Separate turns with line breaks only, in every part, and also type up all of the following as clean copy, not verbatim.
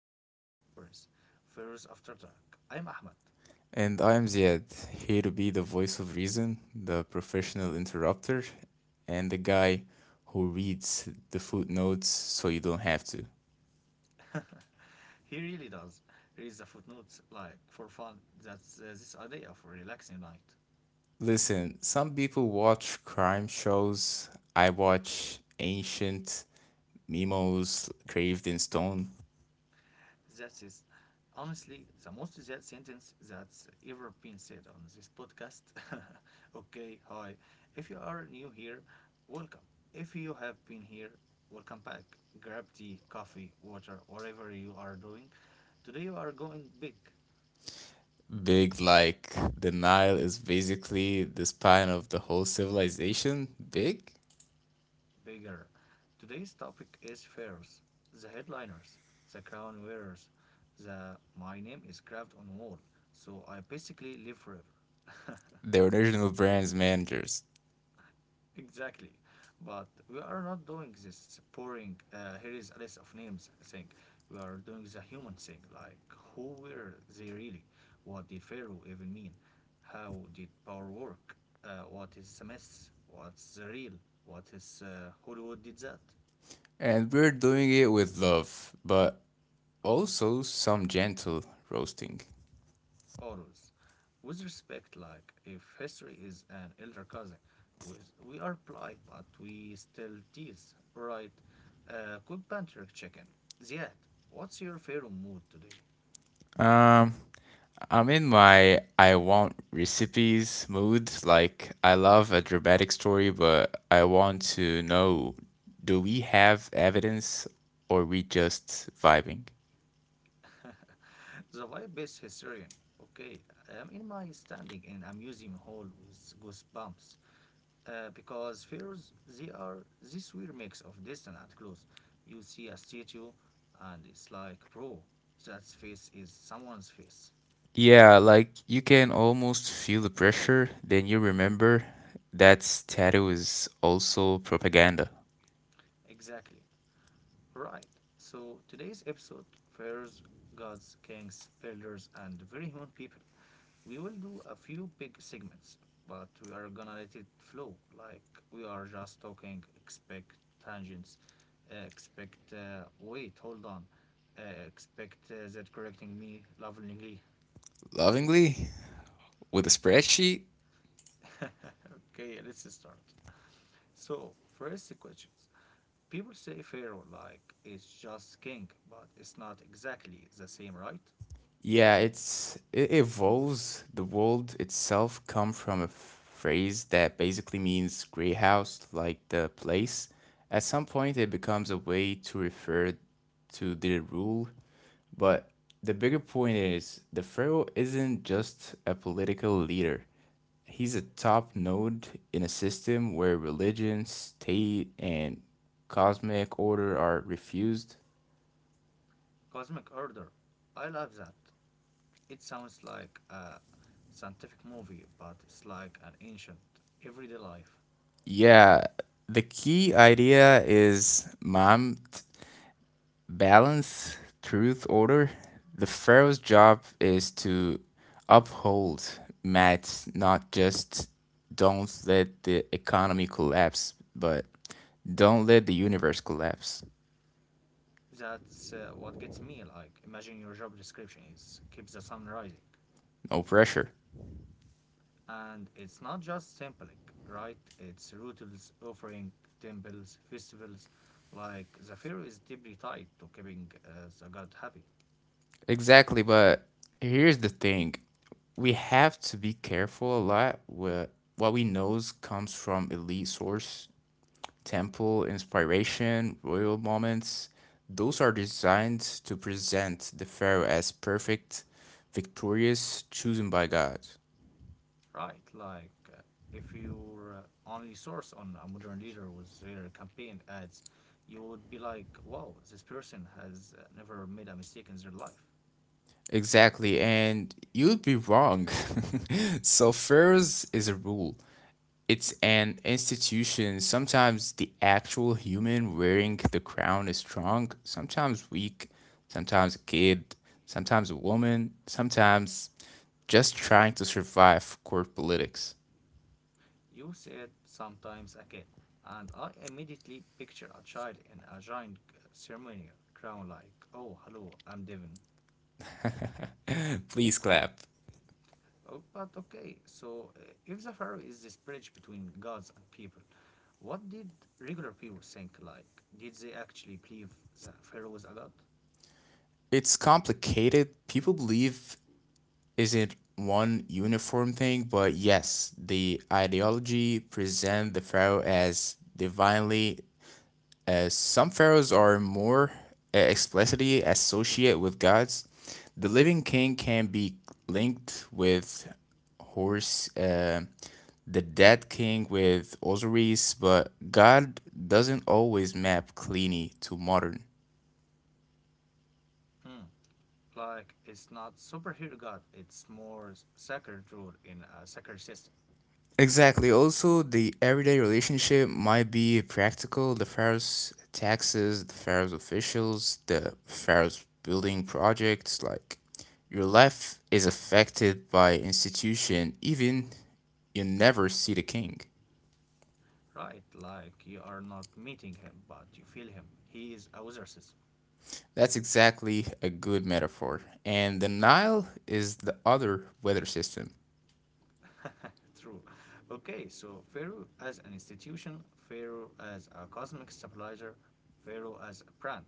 Sandstone Stories, Pharaohs After Dark. I'm Ahmed.
And I am Ziad, here to be the voice of reason, the professional interrupter, and the guy who reads the footnotes so you don't have to.
He really does read the footnotes like for fun. That's This idea of a relaxing night.
Listen, some people watch crime shows. I watch ancient memos carved in stone.
That is honestly the most that sentence that's ever been said on this podcast. Okay, hi. If you are new here, welcome. If you have been here, welcome back. Grab tea, coffee, water, whatever you are doing. Today you are going big.
Big like the Nile is basically the span of the whole civilization. Big?
Bigger. Today's topic is fairs, the headliners, the crown wearers, the my name is carved on wall, so I basically live forever.
They're original brands managers.
Exactly. But we are not doing this boring, here is a list of names thing. We are doing the human thing, like who were they really? What did Pharaoh even mean? How did power work? What is the mess? What's the real? What is Hollywood did that?
And we're doing it with love, but also some gentle roasting.
Always with respect, like if history is an elder cousin with we are polite but we still tease, right? Quick banter chicken. Ziad, what's your favorite mood today?
Um, I'm in my I want recipes mood. Like, I love a dramatic story, but I want to know, do we have evidence or we just vibing?
The vibe is historian. Okay, I'm in my standing in a museum hall with goosebumps, because fears, they are this weird mix of distant and close. You see a statue and it's like, bro, that face is someone's face.
Yeah, like you can almost feel the pressure, then you remember that tattoo is also propaganda.
Exactly. Right. So today's episode: Pharaohs, gods, kings, builders, and very human people. We will do a few big segments, but we are gonna let it flow. Like, we are just talking. Expect tangents, expect wait, hold on, uh, expect that correcting me lovingly.
Lovingly, with a spreadsheet.
Okay, let's start. So, first questions. People say Pharaoh like it's just king, but it's not exactly the same, right?
Yeah, it evolves. The world itself come from a phrase that basically means grey house, like the place. At some point, it becomes a way to refer to the rule, but the bigger point is the pharaoh isn't just a political leader. He's a top node in a system where religion, state, and cosmic order are refused.
Cosmic Order. I love that. It sounds like a scientific movie, but it's like an ancient, everyday life.
Yeah, the key idea is mom, balance, truth, order. The pharaoh's job is to uphold Matt, not just don't let the economy collapse, but don't let the universe collapse.
That's What gets me. Like, imagine your job description is keep the sun rising.
No pressure.
And it's not just symbolic, right? It's rituals, offering, temples, festivals. Like, the fair is deeply tied to keeping the god happy.
Exactly, but here's the thing. We have to be careful a lot with what we knows comes from elite source, temple inspiration, royal moments. Those are designed to present the pharaoh as perfect, victorious, chosen by God.
Right, like if your only source on a modern leader was their campaign ads, you would be like, wow, this person has never made a mistake in their life.
Exactly, and you'd be wrong. So, pharaohs is a rule. It's an institution. Sometimes the actual human wearing the crown is strong, sometimes weak, sometimes a kid, sometimes a woman, sometimes just trying to survive court politics.
You said sometimes a kid, and I immediately picture a child in a giant ceremonial crown, like, oh, hello, I'm Devin.
Please clap.
Oh, but okay, so if the pharaoh is this bridge between gods and people, what did regular people think? Like, did they actually believe the pharaoh was a god?
It's complicated. People believe isn't one uniform thing, but yes, the ideology present the pharaoh as divinely. As some pharaohs are more explicitly associate with gods. The living king can be linked with Horus, the dead king with Osiris, but God doesn't always map cleanly to modern.
Hmm. Like, it's not superhero god, it's more sacred rule in a sacred system.
Exactly. Also, the everyday relationship might be practical. The Pharaoh's taxes, the Pharaoh's officials, the Pharaoh's building projects. Like, your life is affected by institution, even you never see the king.
Right? Like, you are not meeting him, but you feel him. He is a wizard system.
That's exactly a good metaphor. And the Nile is the other weather system.
True. Okay, so Pharaoh as an institution, Pharaoh as a cosmic stabilizer, Pharaoh as a brand.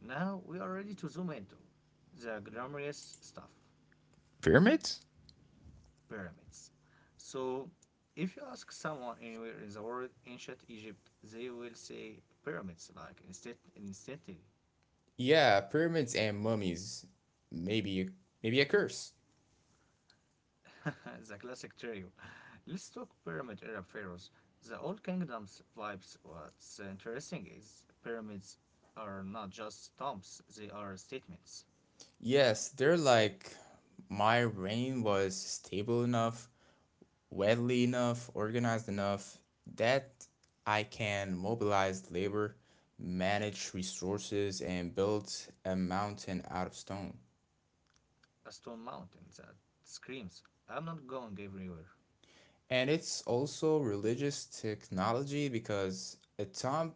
Now we are ready to zoom into the glamorous stuff.
Pyramids?
Pyramids. So, if you ask someone anywhere in the world, ancient Egypt, they will say pyramids, like instead, instantly.
Yeah, pyramids and mummies. Maybe, maybe a curse.
The classic trio. Let's talk pyramid era pharaohs. The old kingdoms vibes. What's interesting is pyramids are not just tombs; they are statements.
Yes, they're like my rain was stable enough, widely enough, organized enough that I can mobilize labor, manage resources, and build a mountain out of stone.
A stone mountain that screams, "I'm not going everywhere."
And it's also religious technology because a tomb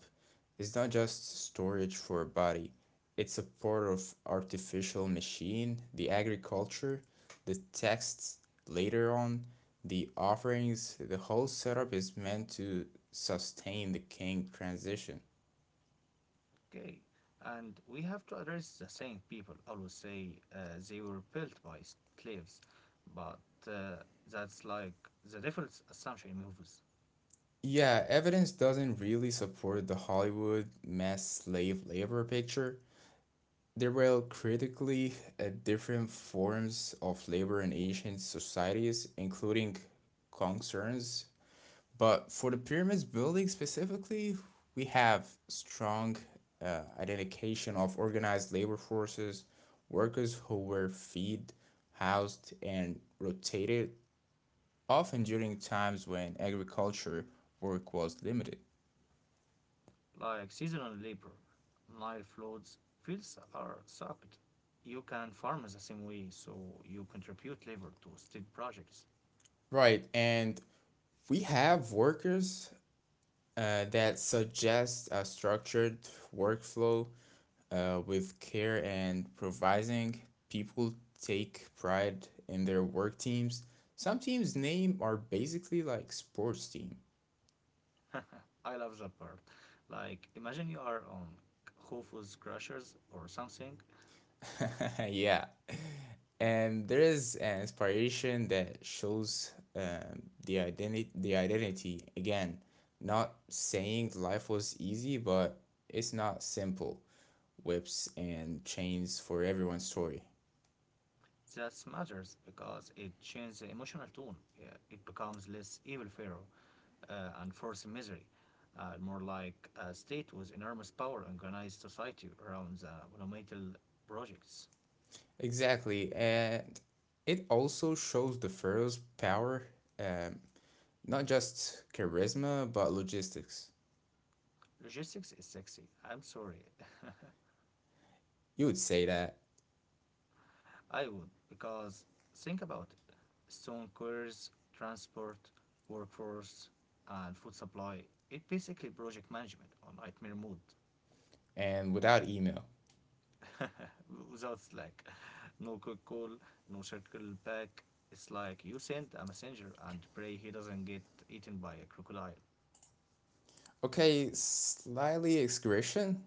is not just storage for a body, it's a part of artificial machine, the agriculture, the texts later on, the offerings, the whole setup is meant to sustain the king transition.
Okay, and we have to address the saying people always say, they were built by slaves, but uh, that's like the default assumption in movies.
Yeah, evidence doesn't really support the Hollywood mass slave labor picture. There were critically different forms of labor in ancient societies, including concerns. But for the pyramids building specifically, we have strong identification of organized labor forces, workers who were fed, housed, and rotated, often during times when agriculture work was limited.
Like seasonal labor, Nile floods, fields are sucked. You can farm the same way, so you contribute labor to state projects.
Right, and we have workers that suggests a structured workflow with care and provising. People take pride in their work teams. Some teams' name are basically like sports team.
I love that part. Like, imagine you are on Khufu's crushers or something.
Yeah. And there is an inspiration that shows the identity again, not saying life was easy, but it's not simple. Whips and chains for everyone's story.
That matters because it changes the emotional tone. Yeah, it becomes less evil pharaoh and forced misery, and more like a state with enormous power and organized society around the monumental projects.
Exactly, and it also shows the pharaoh's power, um, not just charisma, but logistics.
Logistics is sexy. I'm sorry.
You would say that,
I would, because think about it. Stone quarries, transport, workforce, and food supply. It basically project management on nightmare mode.
and without email.
Without Slack, no quick call, no circle back. It's like you send a messenger and pray he doesn't get eaten by a crocodile.
Okay, slightly excursion.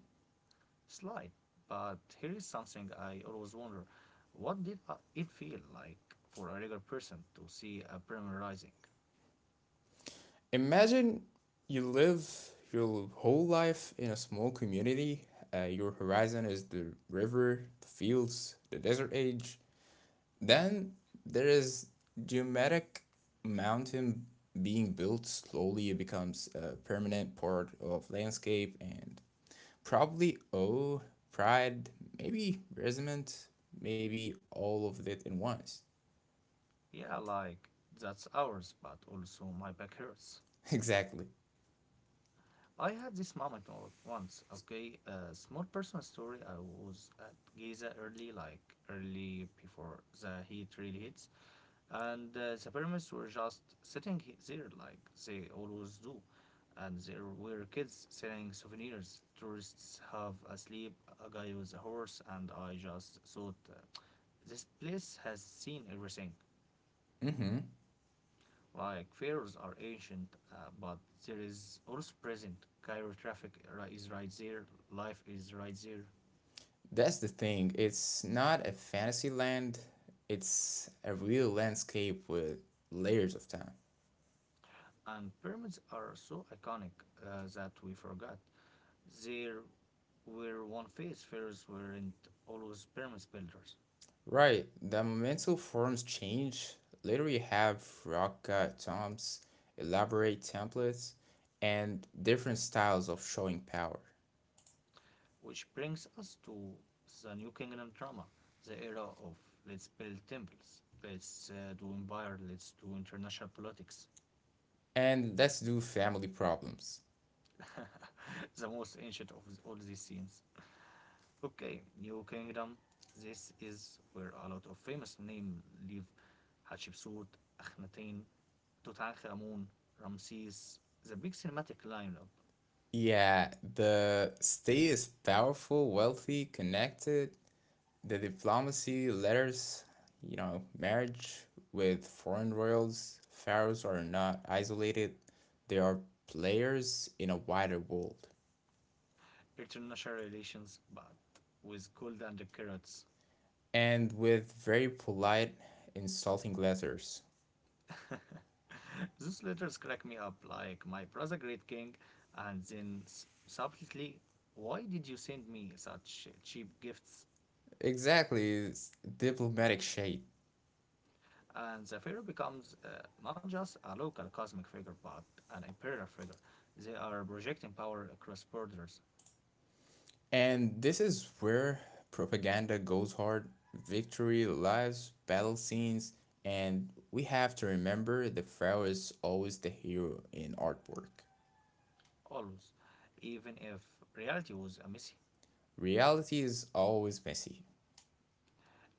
Sly, but here is something I always wonder. What did it feel like for a regular person to see a premier rising?
Imagine you live your whole life in a small community. Your horizon is the river, the fields, the desert age. Then there is geometric mountain being built slowly. It becomes a permanent part of landscape and probably oh pride, maybe resentment, maybe all of it in once.
Yeah, like, that's ours, but also my back hurts.
Exactly.
I had this moment once, okay? A small personal story. I was at Giza early, like early before the heat really hits. And the pyramids were just sitting there like they always do. And there were kids selling souvenirs. Tourists have asleep a guy with a horse, and I just thought, this place has seen everything.
Mm-hmm.
Like, pharaohs are ancient, but there is also present. Cairo traffic is right there, life is right there.
That's the thing. It's not a fantasy land. It's a real landscape with layers of time.
And pyramids are so iconic that we forgot. There where one phase fairs weren't always pyramid builders.
Right, the momental forms change. Later, you have rock toms, elaborate templates, and different styles of showing power.
Which brings us to the New Kingdom drama, the era of let's build temples, let's do empire, let's do international politics.
And let's do family problems.
The most ancient of all these scenes. Okay, New Kingdom, this is where a lot of famous names live: Hatshepsut, Akhenaten, Tutankhamun, Ramses. The big cinematic lineup.
Yeah, the state is powerful, wealthy, connected. The diplomacy, letters, marriage with foreign royals, pharaohs are not isolated, they are players in a wider world.
International relations, but with gold and carrots.
And with very polite, insulting letters.
Those letters crack me up, like, my brother great king, and then subtly, why did you send me such cheap gifts?
Exactly, diplomatic shade.
And the pharaoh becomes not just a local cosmic figure, but an imperial figure. They are projecting power across borders,
And this is where propaganda goes hard, victory, lives, battle scenes, and we have to remember the pharaoh is always the hero in artwork.
always, even if reality was a messy.
Reality is always messy.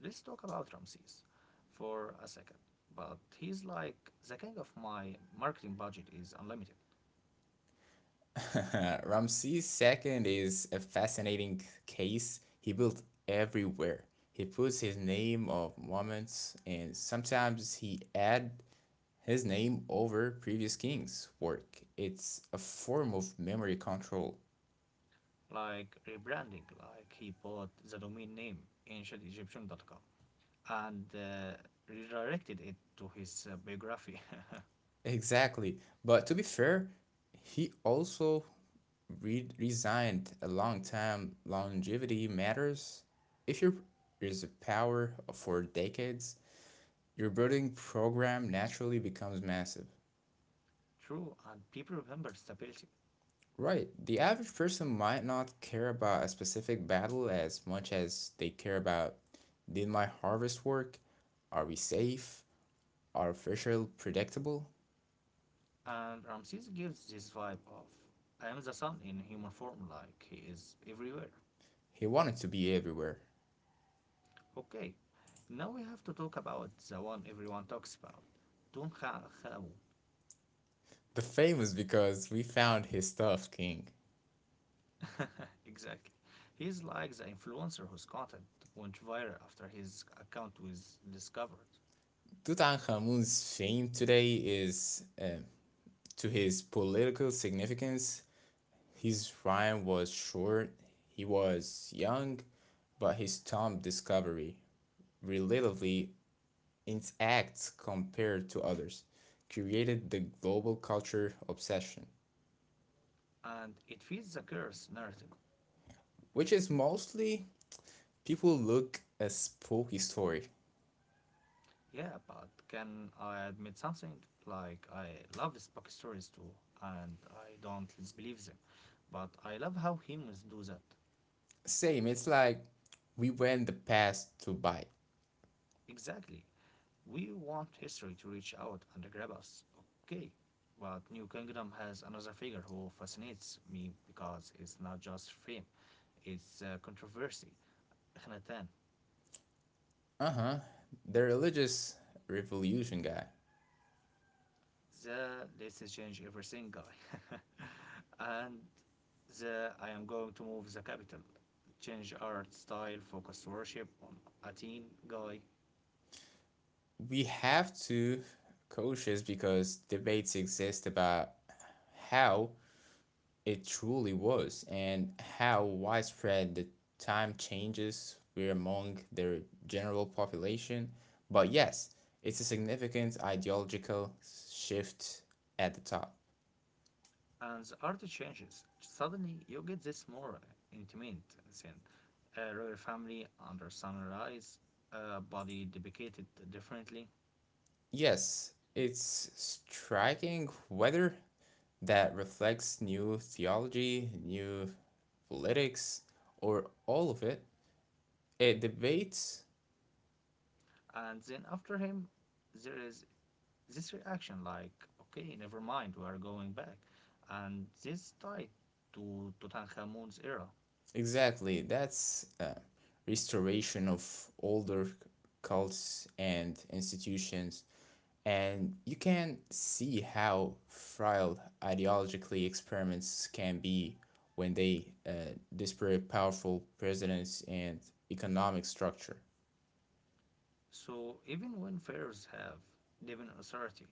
Let's talk about Ramses for a second. But he's like the king of my marketing budget is unlimited.
Ramses II is a fascinating case. He built everywhere. He puts his name of monuments, and sometimes he add his name over previous kings' work. It's a form of memory control.
Like rebranding, like he bought the domain name ancient egyptian.com and redirected it to his biography.
Exactly. But to be fair, he also resigned a long time. Longevity matters. If your is a power for decades, your building program naturally becomes massive.
True, and people remember stability.
Right. The average person might not care about a specific battle as much as they care about, did my harvest work? Are we safe? Are Fisher predictable?
And Ramses gives this vibe of I am the sun in human form, like, he is everywhere.
He wanted to be everywhere.
Okay, now we have to talk about the one everyone talks about, Tutankhamun.
The fame is because we found his stuff, King.
Exactly. He's like the influencer whose content went viral after his account was discovered.
Tutankhamun's fame today is to his political significance. His rhyme was short, he was young, but his Tom discovery, relatively intact compared to others, created the global culture obsession,
And it feeds the curse narrative.
which is mostly people look a spooky story.
Yeah, but can I admit something? Like, I love spooky stories too, and I don't believe them. But I love how humans do that.
Same, it's like we went the past to buy
Exactly. We want history to reach out and grab us, okay? But New Kingdom has another figure who fascinates me because it's not just fame, it's controversy. Khanatan,
the religious revolution guy.
the let's change everything guy. And the I am going to move the capital, change art style, focus worship on Athene guy.
We have to cautious because debates exist about how it truly was, and how widespread the time changes were among their general population. But yes, it's a significant ideological shift at the top.
And the art changes. Suddenly, you get this more intimate scene. A royal family under sunrise, a body depicted differently.
Yes, it's striking whether that reflects new theology, new politics, or all of it. It debates.
And then after him, there is this reaction like, okay, never mind, we are going back. And this tied to Tutankhamun's era.
Exactly, that's restoration of older cults and institutions, and you can see how frail ideologically experiments can be when they disparate powerful presidents and economic structure.
So even when pharaohs have divine authority,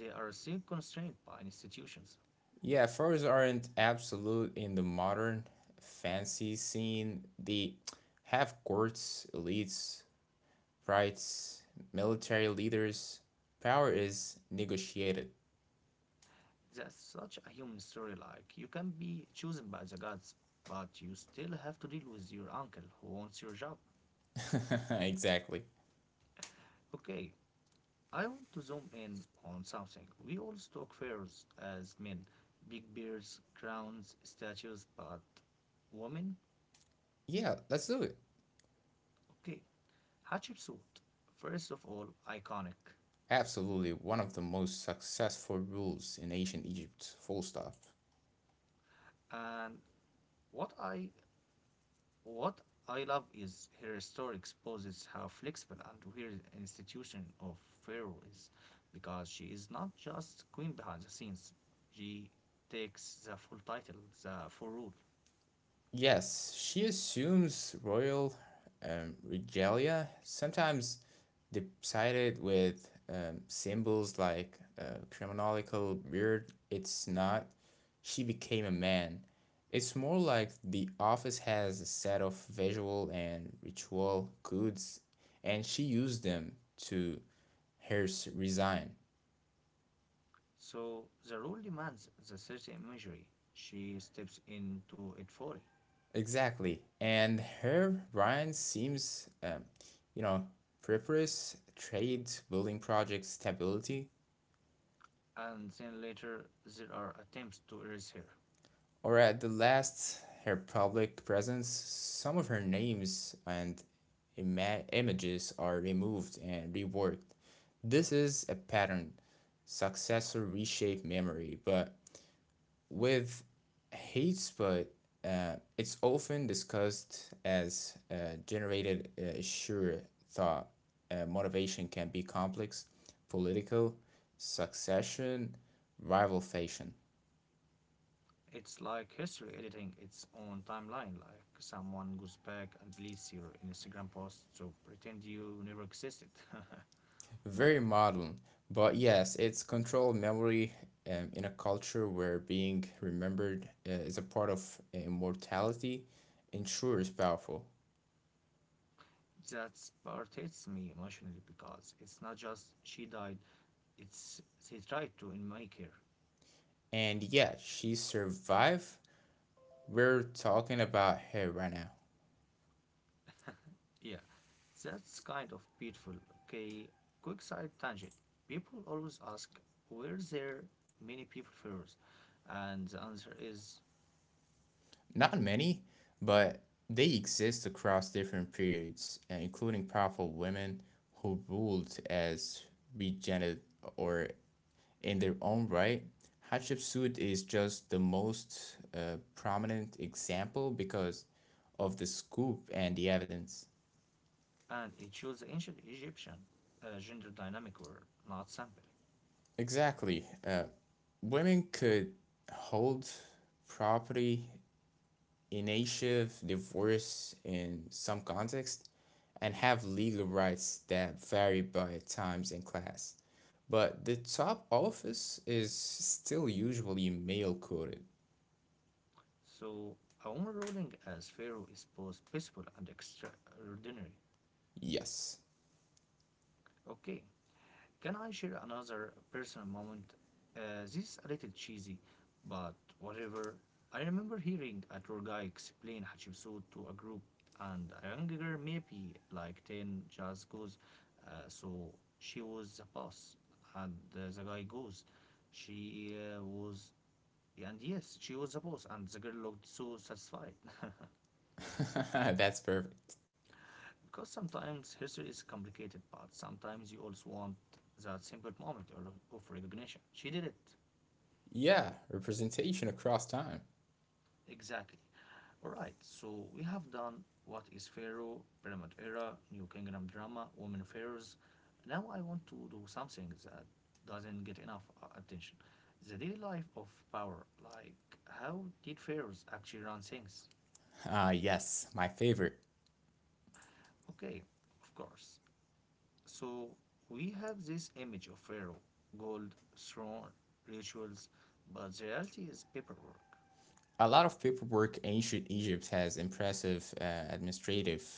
they are still constrained by institutions.
Yeah, furs aren't absolute in the modern fancy scene. They have courts, elites, rights, military leaders. Power is negotiated.
That's such a human story. Like, you can be chosen by the gods, but you still have to deal with your uncle who wants your job.
Exactly.
Okay, I want to zoom in on something. We always talk pharaohs as men, big beards, crowns, statues, but women?
Yeah, let's do it.
Okay, Hatshepsut, first of all, iconic.
Absolutely, one of the most successful rules in ancient Egypt, full stop.
And what I What I love is her story exposes how flexible and weird an institution of Pharaoh is, because she is not just queen behind the scenes. She takes the full title, the full rule.
Yes, she assumes royal regalia, sometimes decided with symbols like criminalical beard. It's not, she became a man. It's more like the office has a set of visual and ritual codes, and she used them to hers resign.
So the rule demands the certain imagery. She steps into it fully,
Exactly. And her Ryan seems, you know, prefers trade building project stability,
and then later there are attempts to erase her.
or at the last, her public presence. Some of her names and images are removed and reworked. This is a pattern. Successor reshape memory, but with hate spot, it's often discussed as generated sure thought. Motivation can be complex, political, succession, rival fashion.
It's like history editing its own timeline, like someone goes back and deletes your Instagram post to pretend you never existed.
Very modern, but yes, it's controlled memory in a culture where being remembered is a part of immortality ensures powerful.
That part hits me emotionally because it's not just she died, it's they tried to and make her.
And yeah, she survived. We're talking about her right now.
Yeah, that's kind of beautiful. Okay, quick side tangent. People always ask, were there many people pharaohs? And the answer is,
Not many, but they exist across different periods, including powerful women who ruled as regent or in their own right. Hatshepsut is just the most prominent example because of the scoop and the evidence.
and it shows the ancient Egyptian gender dynamic were not simple.
Exactly. Women could hold property initiative divorce in some context and have legal rights that vary by times and class. But the top office is still usually male coded.
So Omar ruling as pharaoh is both peaceful and extraordinary.
Yes.
Okay, can I share another personal moment? This is a little cheesy, but whatever. I remember hearing a tour guy explain Hatshepsut to a group, and a young girl, maybe like 10, just goes, so she was a boss. And the guy goes, she was, and yes, she was a boss, and the girl looked so satisfied.
That's perfect.
Because sometimes history is a complicated, but sometimes you also want that simple moment or of recognition. She did it.
Yeah, representation across time.
Exactly. Alright, so we have done what is Pharaoh, Pyramid Era, New Kingdom drama, Women Pharaohs. Now I want to do something that doesn't get enough attention. The daily life of power. Like, how did pharaohs actually run things?
Yes, my favorite.
Okay, of course. So we have this image of Pharaoh, gold, throne, rituals, but the reality is paperwork.
A lot of paperwork ancient Egypt has impressive administrative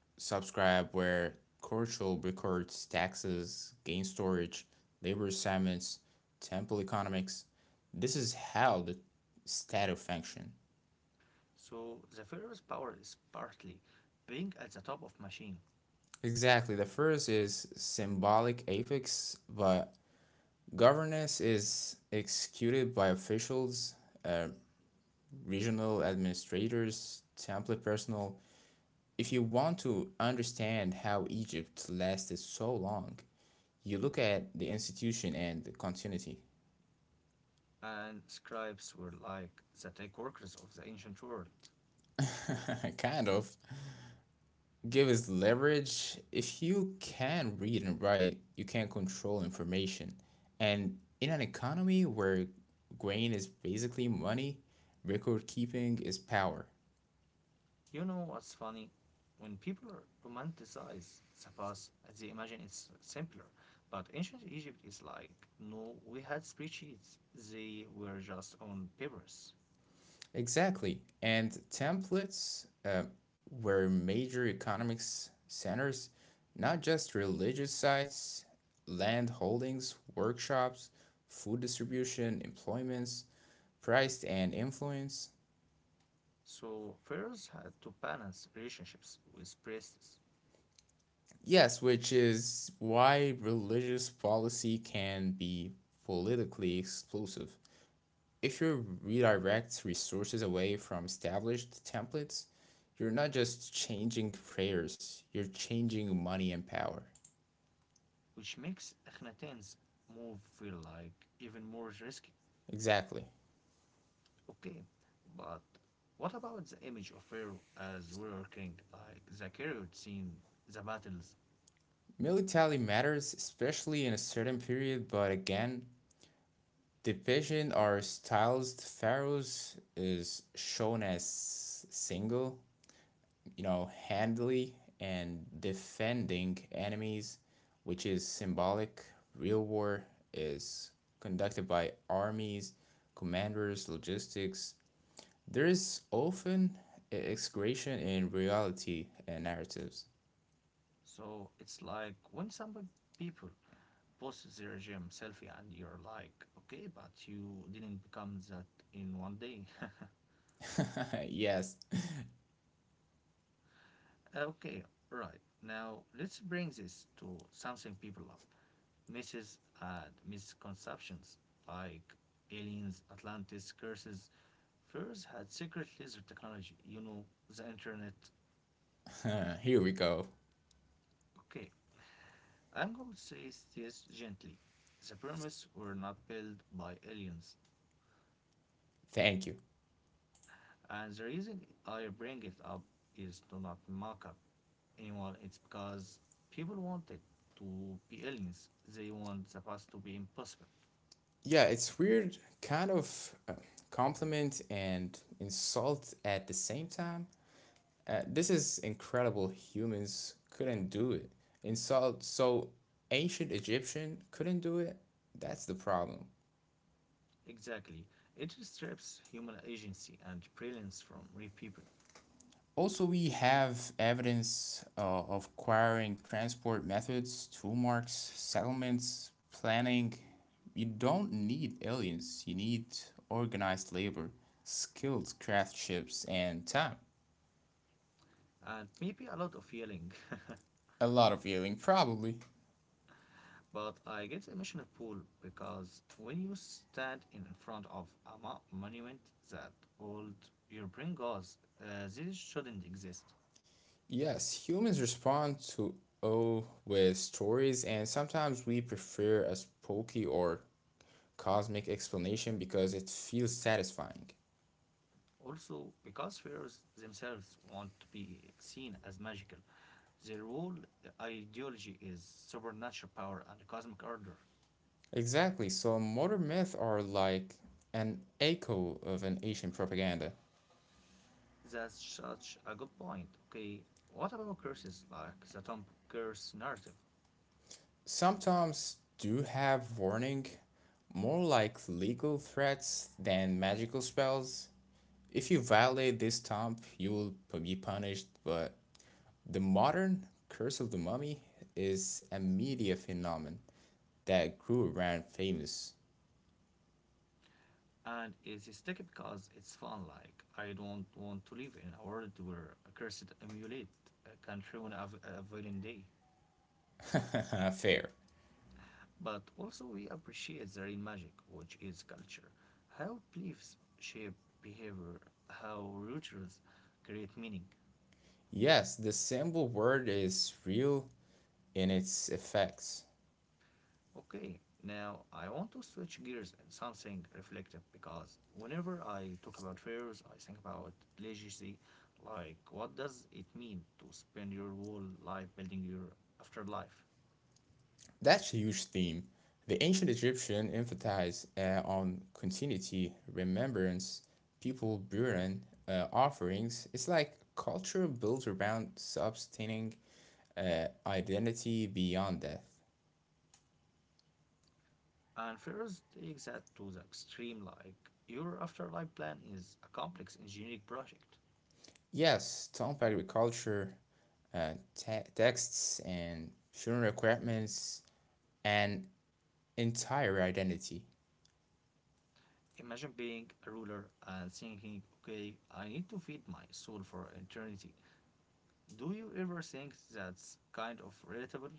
subscribe where Korchul records taxes, gain storage, labor assignments, temple economics. This is how the status function.
So the Pharaoh's power is partly being at the top of machine,
Exactly, the first is symbolic affix, but governance is executed by officials, regional administrators, temple personnel. If you want to understand how Egypt lasted so long, you look at the institution and the continuity.
and scribes were like the tech workers of the ancient world.
Kind of. Give us leverage. If you can read and write, you can control information. And in an economy where grain is basically money, record keeping is power.
You know what's funny? When people romanticize the past, they imagine it's simpler. But ancient Egypt is like, no, we had spreadsheets. They were just on papers.
Exactly. And templates were major economics centers, not just religious sites, land holdings, workshops, food distribution, employments, price and influence.
So Pharaohs had to balance relationships with priests,
Yes, which is why religious policy can be politically explosive. If you redirect resources away from established templates, you're not just changing prayers, you're changing money and power.
which makes Akhenaten's move feel like even more risky.
Exactly.
Okay, but what about the image of Pharaoh as warrior king, like the carried scene, the battles?
Militarily matters, especially in a certain period, but again, division or stylized pharaohs is shown as single, handily and defending enemies, which is symbolic. Real war is conducted by armies, commanders, logistics. There is often excretion in reality and narratives.
So it's like when some people post their gym selfie and you're like, okay, but you didn't become that in one day.
Yes.
Okay, right. Now let's bring this to something people love misses and misconceptions like aliens, Atlantis, curses. Furs had secret laser technology, you know, the internet.
Here we go.
Okay, I'm going to say this gently. The pyramids were not built by aliens,
Thank you.
and the reason I bring it up is to not mock up anyone. It's because people wanted to be aliens, they want the past to be impossible.
Yeah, it's weird, kind of compliment and insult at the same time. This is incredible. Humans couldn't do it. And so ancient Egyptian couldn't do it. That's the problem.
Exactly. It strips human agency and brilliance from real people.
Also, we have evidence of acquiring transport methods, tool marks, settlements, planning. You don't need aliens, you need organized labor, skilled craftships, and time.
And maybe a lot of yelling.
A lot of healing, probably.
But I get the emotional pull because when you stand in front of a monument that old, your brain goes, this shouldn't exist.
Yes, humans respond to O with stories, and sometimes we prefer a spooky or cosmic explanation because it feels satisfying.
Also, because fairs themselves want to be seen as magical, their whole ideology is supernatural power and cosmic order.
Exactly, so modern myths are like an echo of an ancient propaganda.
That's such a good point. Okay, what about curses like the Tom curse narrative?
Sometimes do have warning, more like legal threats than magical spells. If you violate this stomp, you will be punished, but the modern Curse of the Mummy is a media phenomenon that grew around famous
And it's sticky because it's fun. Like I don't want to live in a world where a cursed amulet can ruin a villain day.
affair.
But also we appreciate the real magic, which is culture, how beliefs shape behavior, how rituals create meaning.
Yes, the symbol word is real in its effects.
Okay, now I want to switch gears and something reflective because whenever I talk about fairs, I think about legacy. Like, what does it mean to spend your whole life building your afterlife?
That's a huge theme. The ancient Egyptian emphasized on continuity, remembrance, people burning offerings. It's like culture built around sustaining identity beyond death.
And fairs takes that to the extreme. Like, your afterlife plan is a complex engineering project.
Yes, Trump agriculture, texts, and funeral requirements, an entire identity.
Imagine being a ruler and thinking, okay, I need to feed my soul for eternity. Do you ever think that's kind of relatable?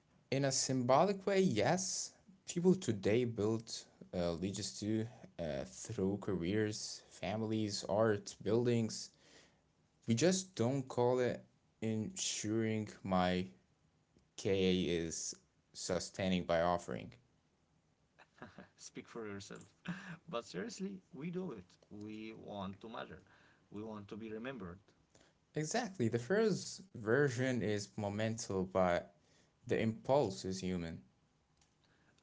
In a symbolic way, yes, people today build legions to through careers, families, art, buildings. We just don't call it ensuring my KA is sustaining by offering.
Speak for yourself. But seriously, we do it. We want to matter. We want to be remembered.
Exactly. The first version is momental, but the impulse is human.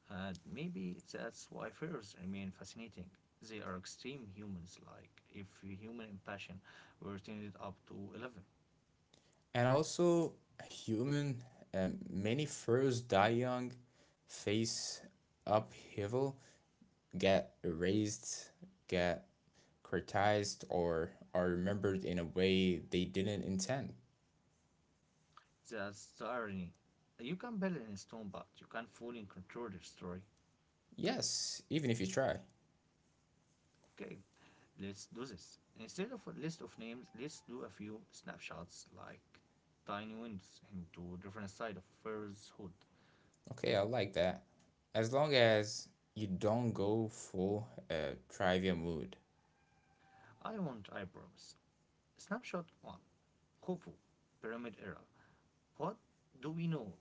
And maybe that's why fairs remain fascinating. They are extreme humans, like if human impassion were turned up to 11.
And also, human, many furs die young, face upheaval, get erased, get criticized, or are remembered in a way they didn't intend.
That's the irony. You can build in stone, but you can't fully control the story.
Yes, even if you try.
Okay, let's do this. Instead of a list of names, let's do a few snapshots like tiny windows into different side of Fair's hood.
Okay, I like that. As long as you don't go full trivia mood.
I want eyebrows. Snapshot 1. Khufu. Pyramid era. What do we know?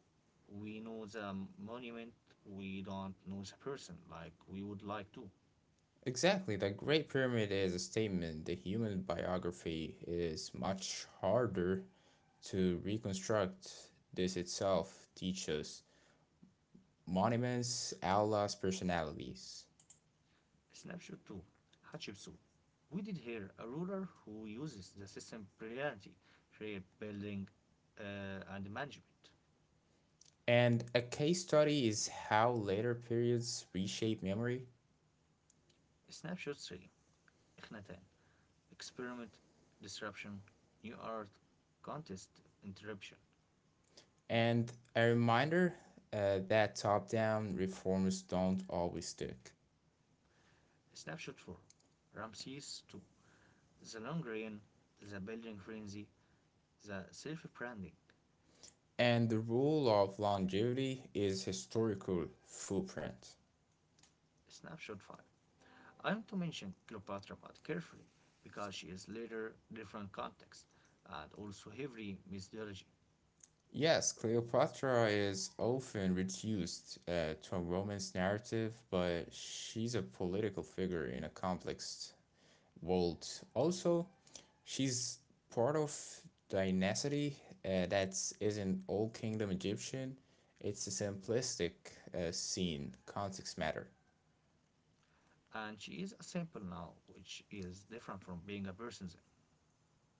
We know the monument, we don't know the person like we would like to.
Exactly, the Great Pyramid is a statement. The human biography is much harder to reconstruct. This itself teaches monuments, Allah's personalities.
Snapshot 2. Hatshepsut. We did hear a ruler who uses the system brilliantly, shape, building, and management.
And a case study is how later periods reshape memory.
Snapshot 3. Ikhnaten. Experiment, disruption, new art, contest, interruption.
And a reminder that top down reforms don't always stick.
Snapshot 4. Ramses II. The long rain, the building frenzy, the self-branding.
And the rule of longevity is historical footprint.
Snapshot five. I want to mention Cleopatra but carefully because she is later different context and also heavily methodology.
Yes, Cleopatra is often reduced to a romance narrative, but she's a political figure in a complex world. Also, she's part of dynasty that isn't all kingdom Egyptian. It's a simplistic scene, context matter.
And she is a sample now which is different from being a person then.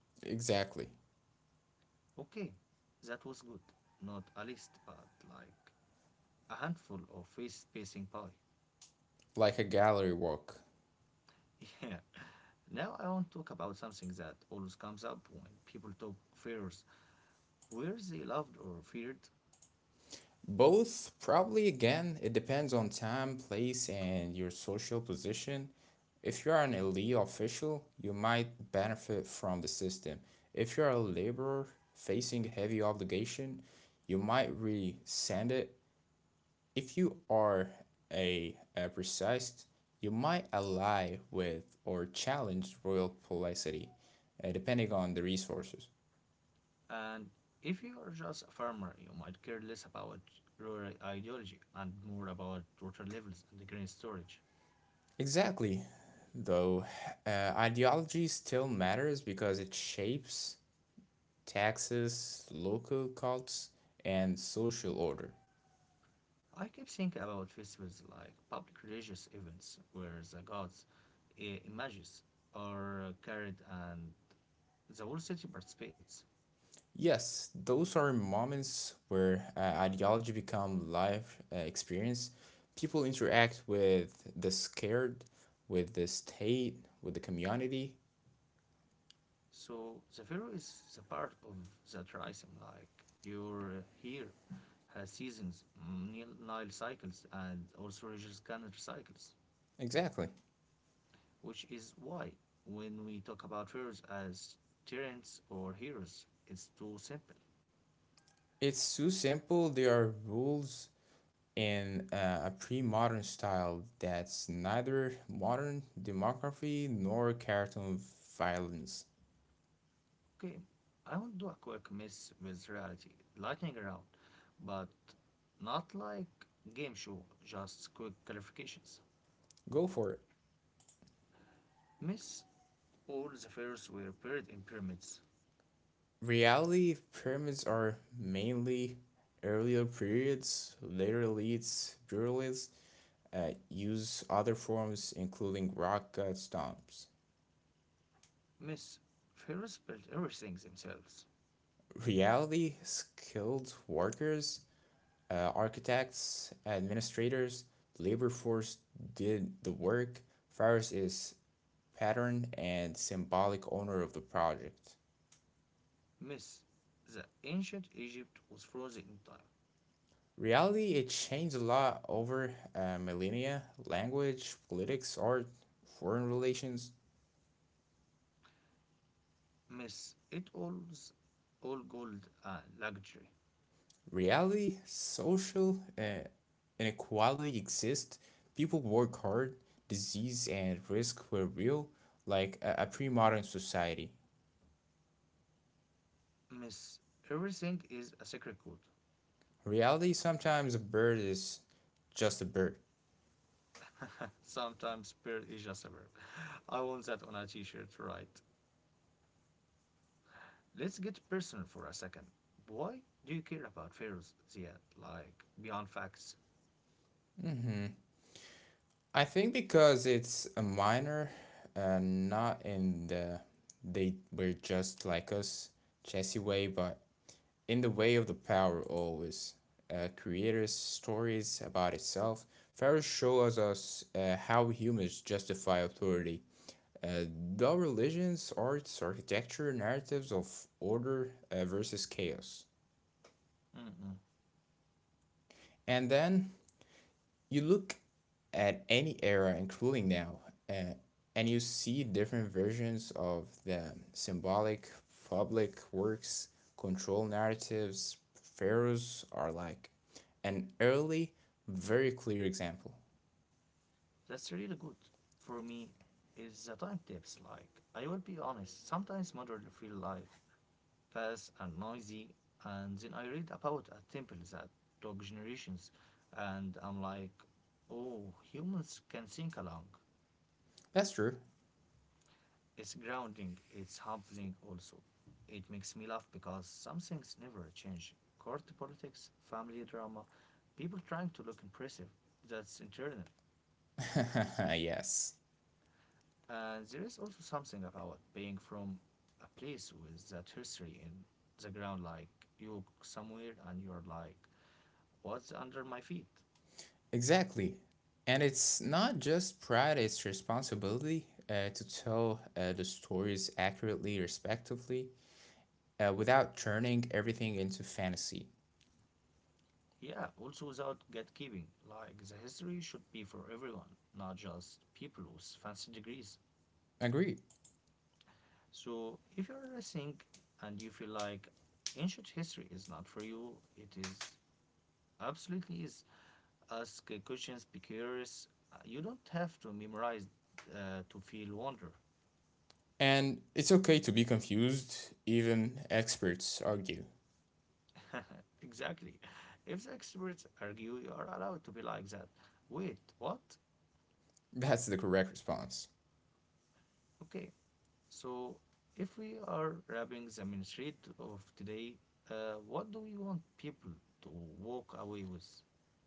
Exactly.
Okay, that was good. Not a list but like a handful of face spacing pie.
Like a gallery work.
Yeah. Now I want to talk about something that always comes up when people talk fears, where they loved or feared.
Both, probably again, it depends on time, place, and your social position. If you are an elite official, you might benefit from the system. If you are a laborer facing heavy obligation, you might resent it. If you are a precise, you might ally with or challenge royal policity, depending on the resources.
And if you are just a farmer, you might care less about rural ideology and more about water levels and grain storage.
Exactly. Though ideology still matters because it shapes taxes, local cults, and social order.
I keep thinking about festivals like public religious events where the gods' images are carried and the whole city participates.
Yes, those are moments where ideology become life experience. People interact with the scared, with the state, with the community.
So the pharaoh is the part of the triasim, like your here has seasons, mm, Nile cycles, and also religious calendar cycles.
Exactly.
Which is why, when we talk about fairies as tyrants or heroes, it's too simple.
It's so simple. There are rules in a pre-modern style that's neither modern demography nor cartoon violence.
Okay, I won't do a quick mess with reality, lightning round, but not like game show, just quick clarifications.
Go for it.
Miss, all the pharaohs were buried in pyramids.
Reality pyramids are mainly earlier periods, later elites, pluralists use other forms including rock cut stomps.
Miss, pharaohs built everything themselves.
Reality skilled workers, architects, administrators, labor force did the work. Virus is pattern and symbolic owner of the project.
Miss, the ancient Egypt was frozen in time.
Reality, it changed a lot over millennia. Language, politics, art, foreign relations.
Miss, it all's all gold and luxury.
Reality, social inequality exists. People work hard, disease and risk were real, like a pre modern society.
Miss, everything is a secret code.
Reality sometimes a bird is just a bird.
Sometimes peer is just a verb. I want that on a t-shirt, right? Let's get personal for a second. Why do you care about fears, Ziad? Like, beyond facts?
I think because it's a minor, not in the they were just like us, Jesse way, but in the way of the power always. Creators' stories about itself. Pharaoh shows us how humans justify authority. Uh, the religions, arts, architecture, narratives of order versus chaos.
Mm-mm.
And then you look at any era, including now, uh, and you see different versions of the symbolic public works, control narratives. Pharaohs are like an early, very clear example.
That's really good. For me, is the time tips. Like, I will be honest, sometimes modern feel like fast and noisy, and then I read about a temple that took generations, and I'm like, oh, humans can think along.
That's true.
It's grounding, it's humbling also. It makes me laugh because some things never change. Court politics, family drama, people trying to look impressive. That's internal.
Yes,
And there is also something about being from a place with that history in the ground, like you go somewhere and you're like, what's under my feet?
exactly. And it's not just pride, it's responsibility to tell the stories accurately, respectively, without turning everything into fantasy.
Yeah, also without gatekeeping, like the history should be for everyone, not just people with fancy degrees.
Agreed.
So if you're listening and you feel like ancient history is not for you, it is absolutely is. Ask questions, be curious. You don't have to memorize to feel wonder.
And it's okay to be confused, even experts argue.
Exactly. If the experts argue, you are allowed to be like that. Wait, what?
That's the correct response.
Okay. So, if we are wrapping the main street of today, what do we want people to walk away with?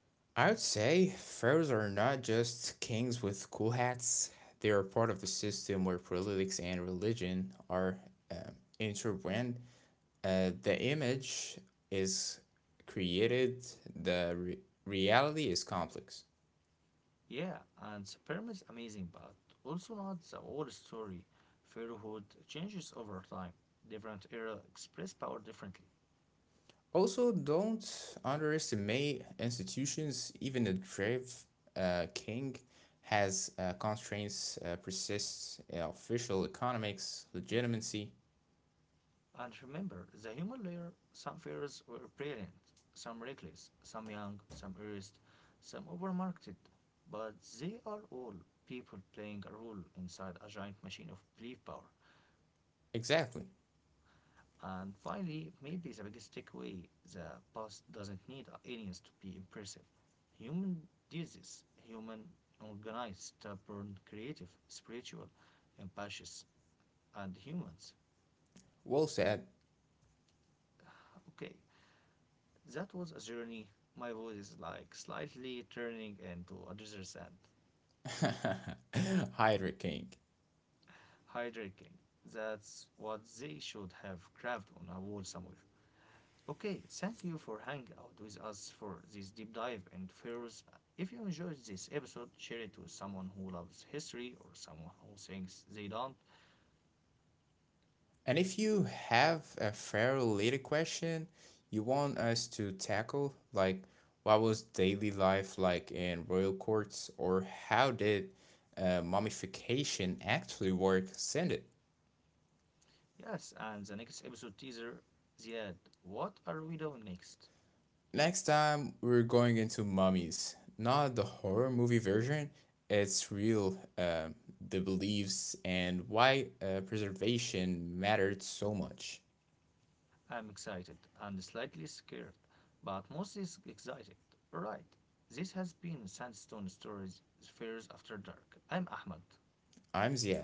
I would say pharaohs are not just kings with cool hats, they are part of the system where politics and religion are um, intertwined. The image is created, the reality is complex.
Yeah, and sperm is amazing, but also not the whole story. Pharaohhood changes over time. Different era express power differently.
Also, don't underestimate institutions. Even a brave king has constraints, persists in official economics, legitimacy.
And remember, the human layer, some pharaohs were brilliant, some reckless, some young, some erased, some overmarketed. But they are all people playing a role inside a giant machine of belief power.
Exactly.
And finally, maybe the biggest takeaway, the past doesn't need aliens to be impressive. Human disease, human organized, stubborn, creative, spiritual, ambitious, and humans.
Well said.
Okay, that was a journey. My voice is like slightly turning into a desert sand.
Hydra King.
Hydrating. That's what they should have carved on a wall somewhere. Okay, thank you for hanging out with us for this deep dive and fears. If you enjoyed this episode, share it with someone who loves history or someone who thinks they don't.
And if you have a fair related question you want us to tackle, like what was daily life like in royal courts, or how did mummification actually work, send it.
Yes, and the next episode teaser, Ziad, what are we doing next?
Next time, we're going into Mummies. Not the horror movie version, it's real, the beliefs and why preservation mattered so much.
I'm excited and slightly scared, but mostly excited. Alright, this has been Sandstone Stories Fears After Dark. I'm Ahmed.
I'm Ziad.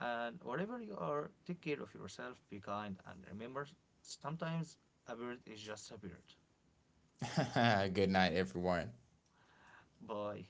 And wherever you are, take care of yourself, be kind, and remember sometimes a bird is just a bird.
Good night, everyone.
Bye.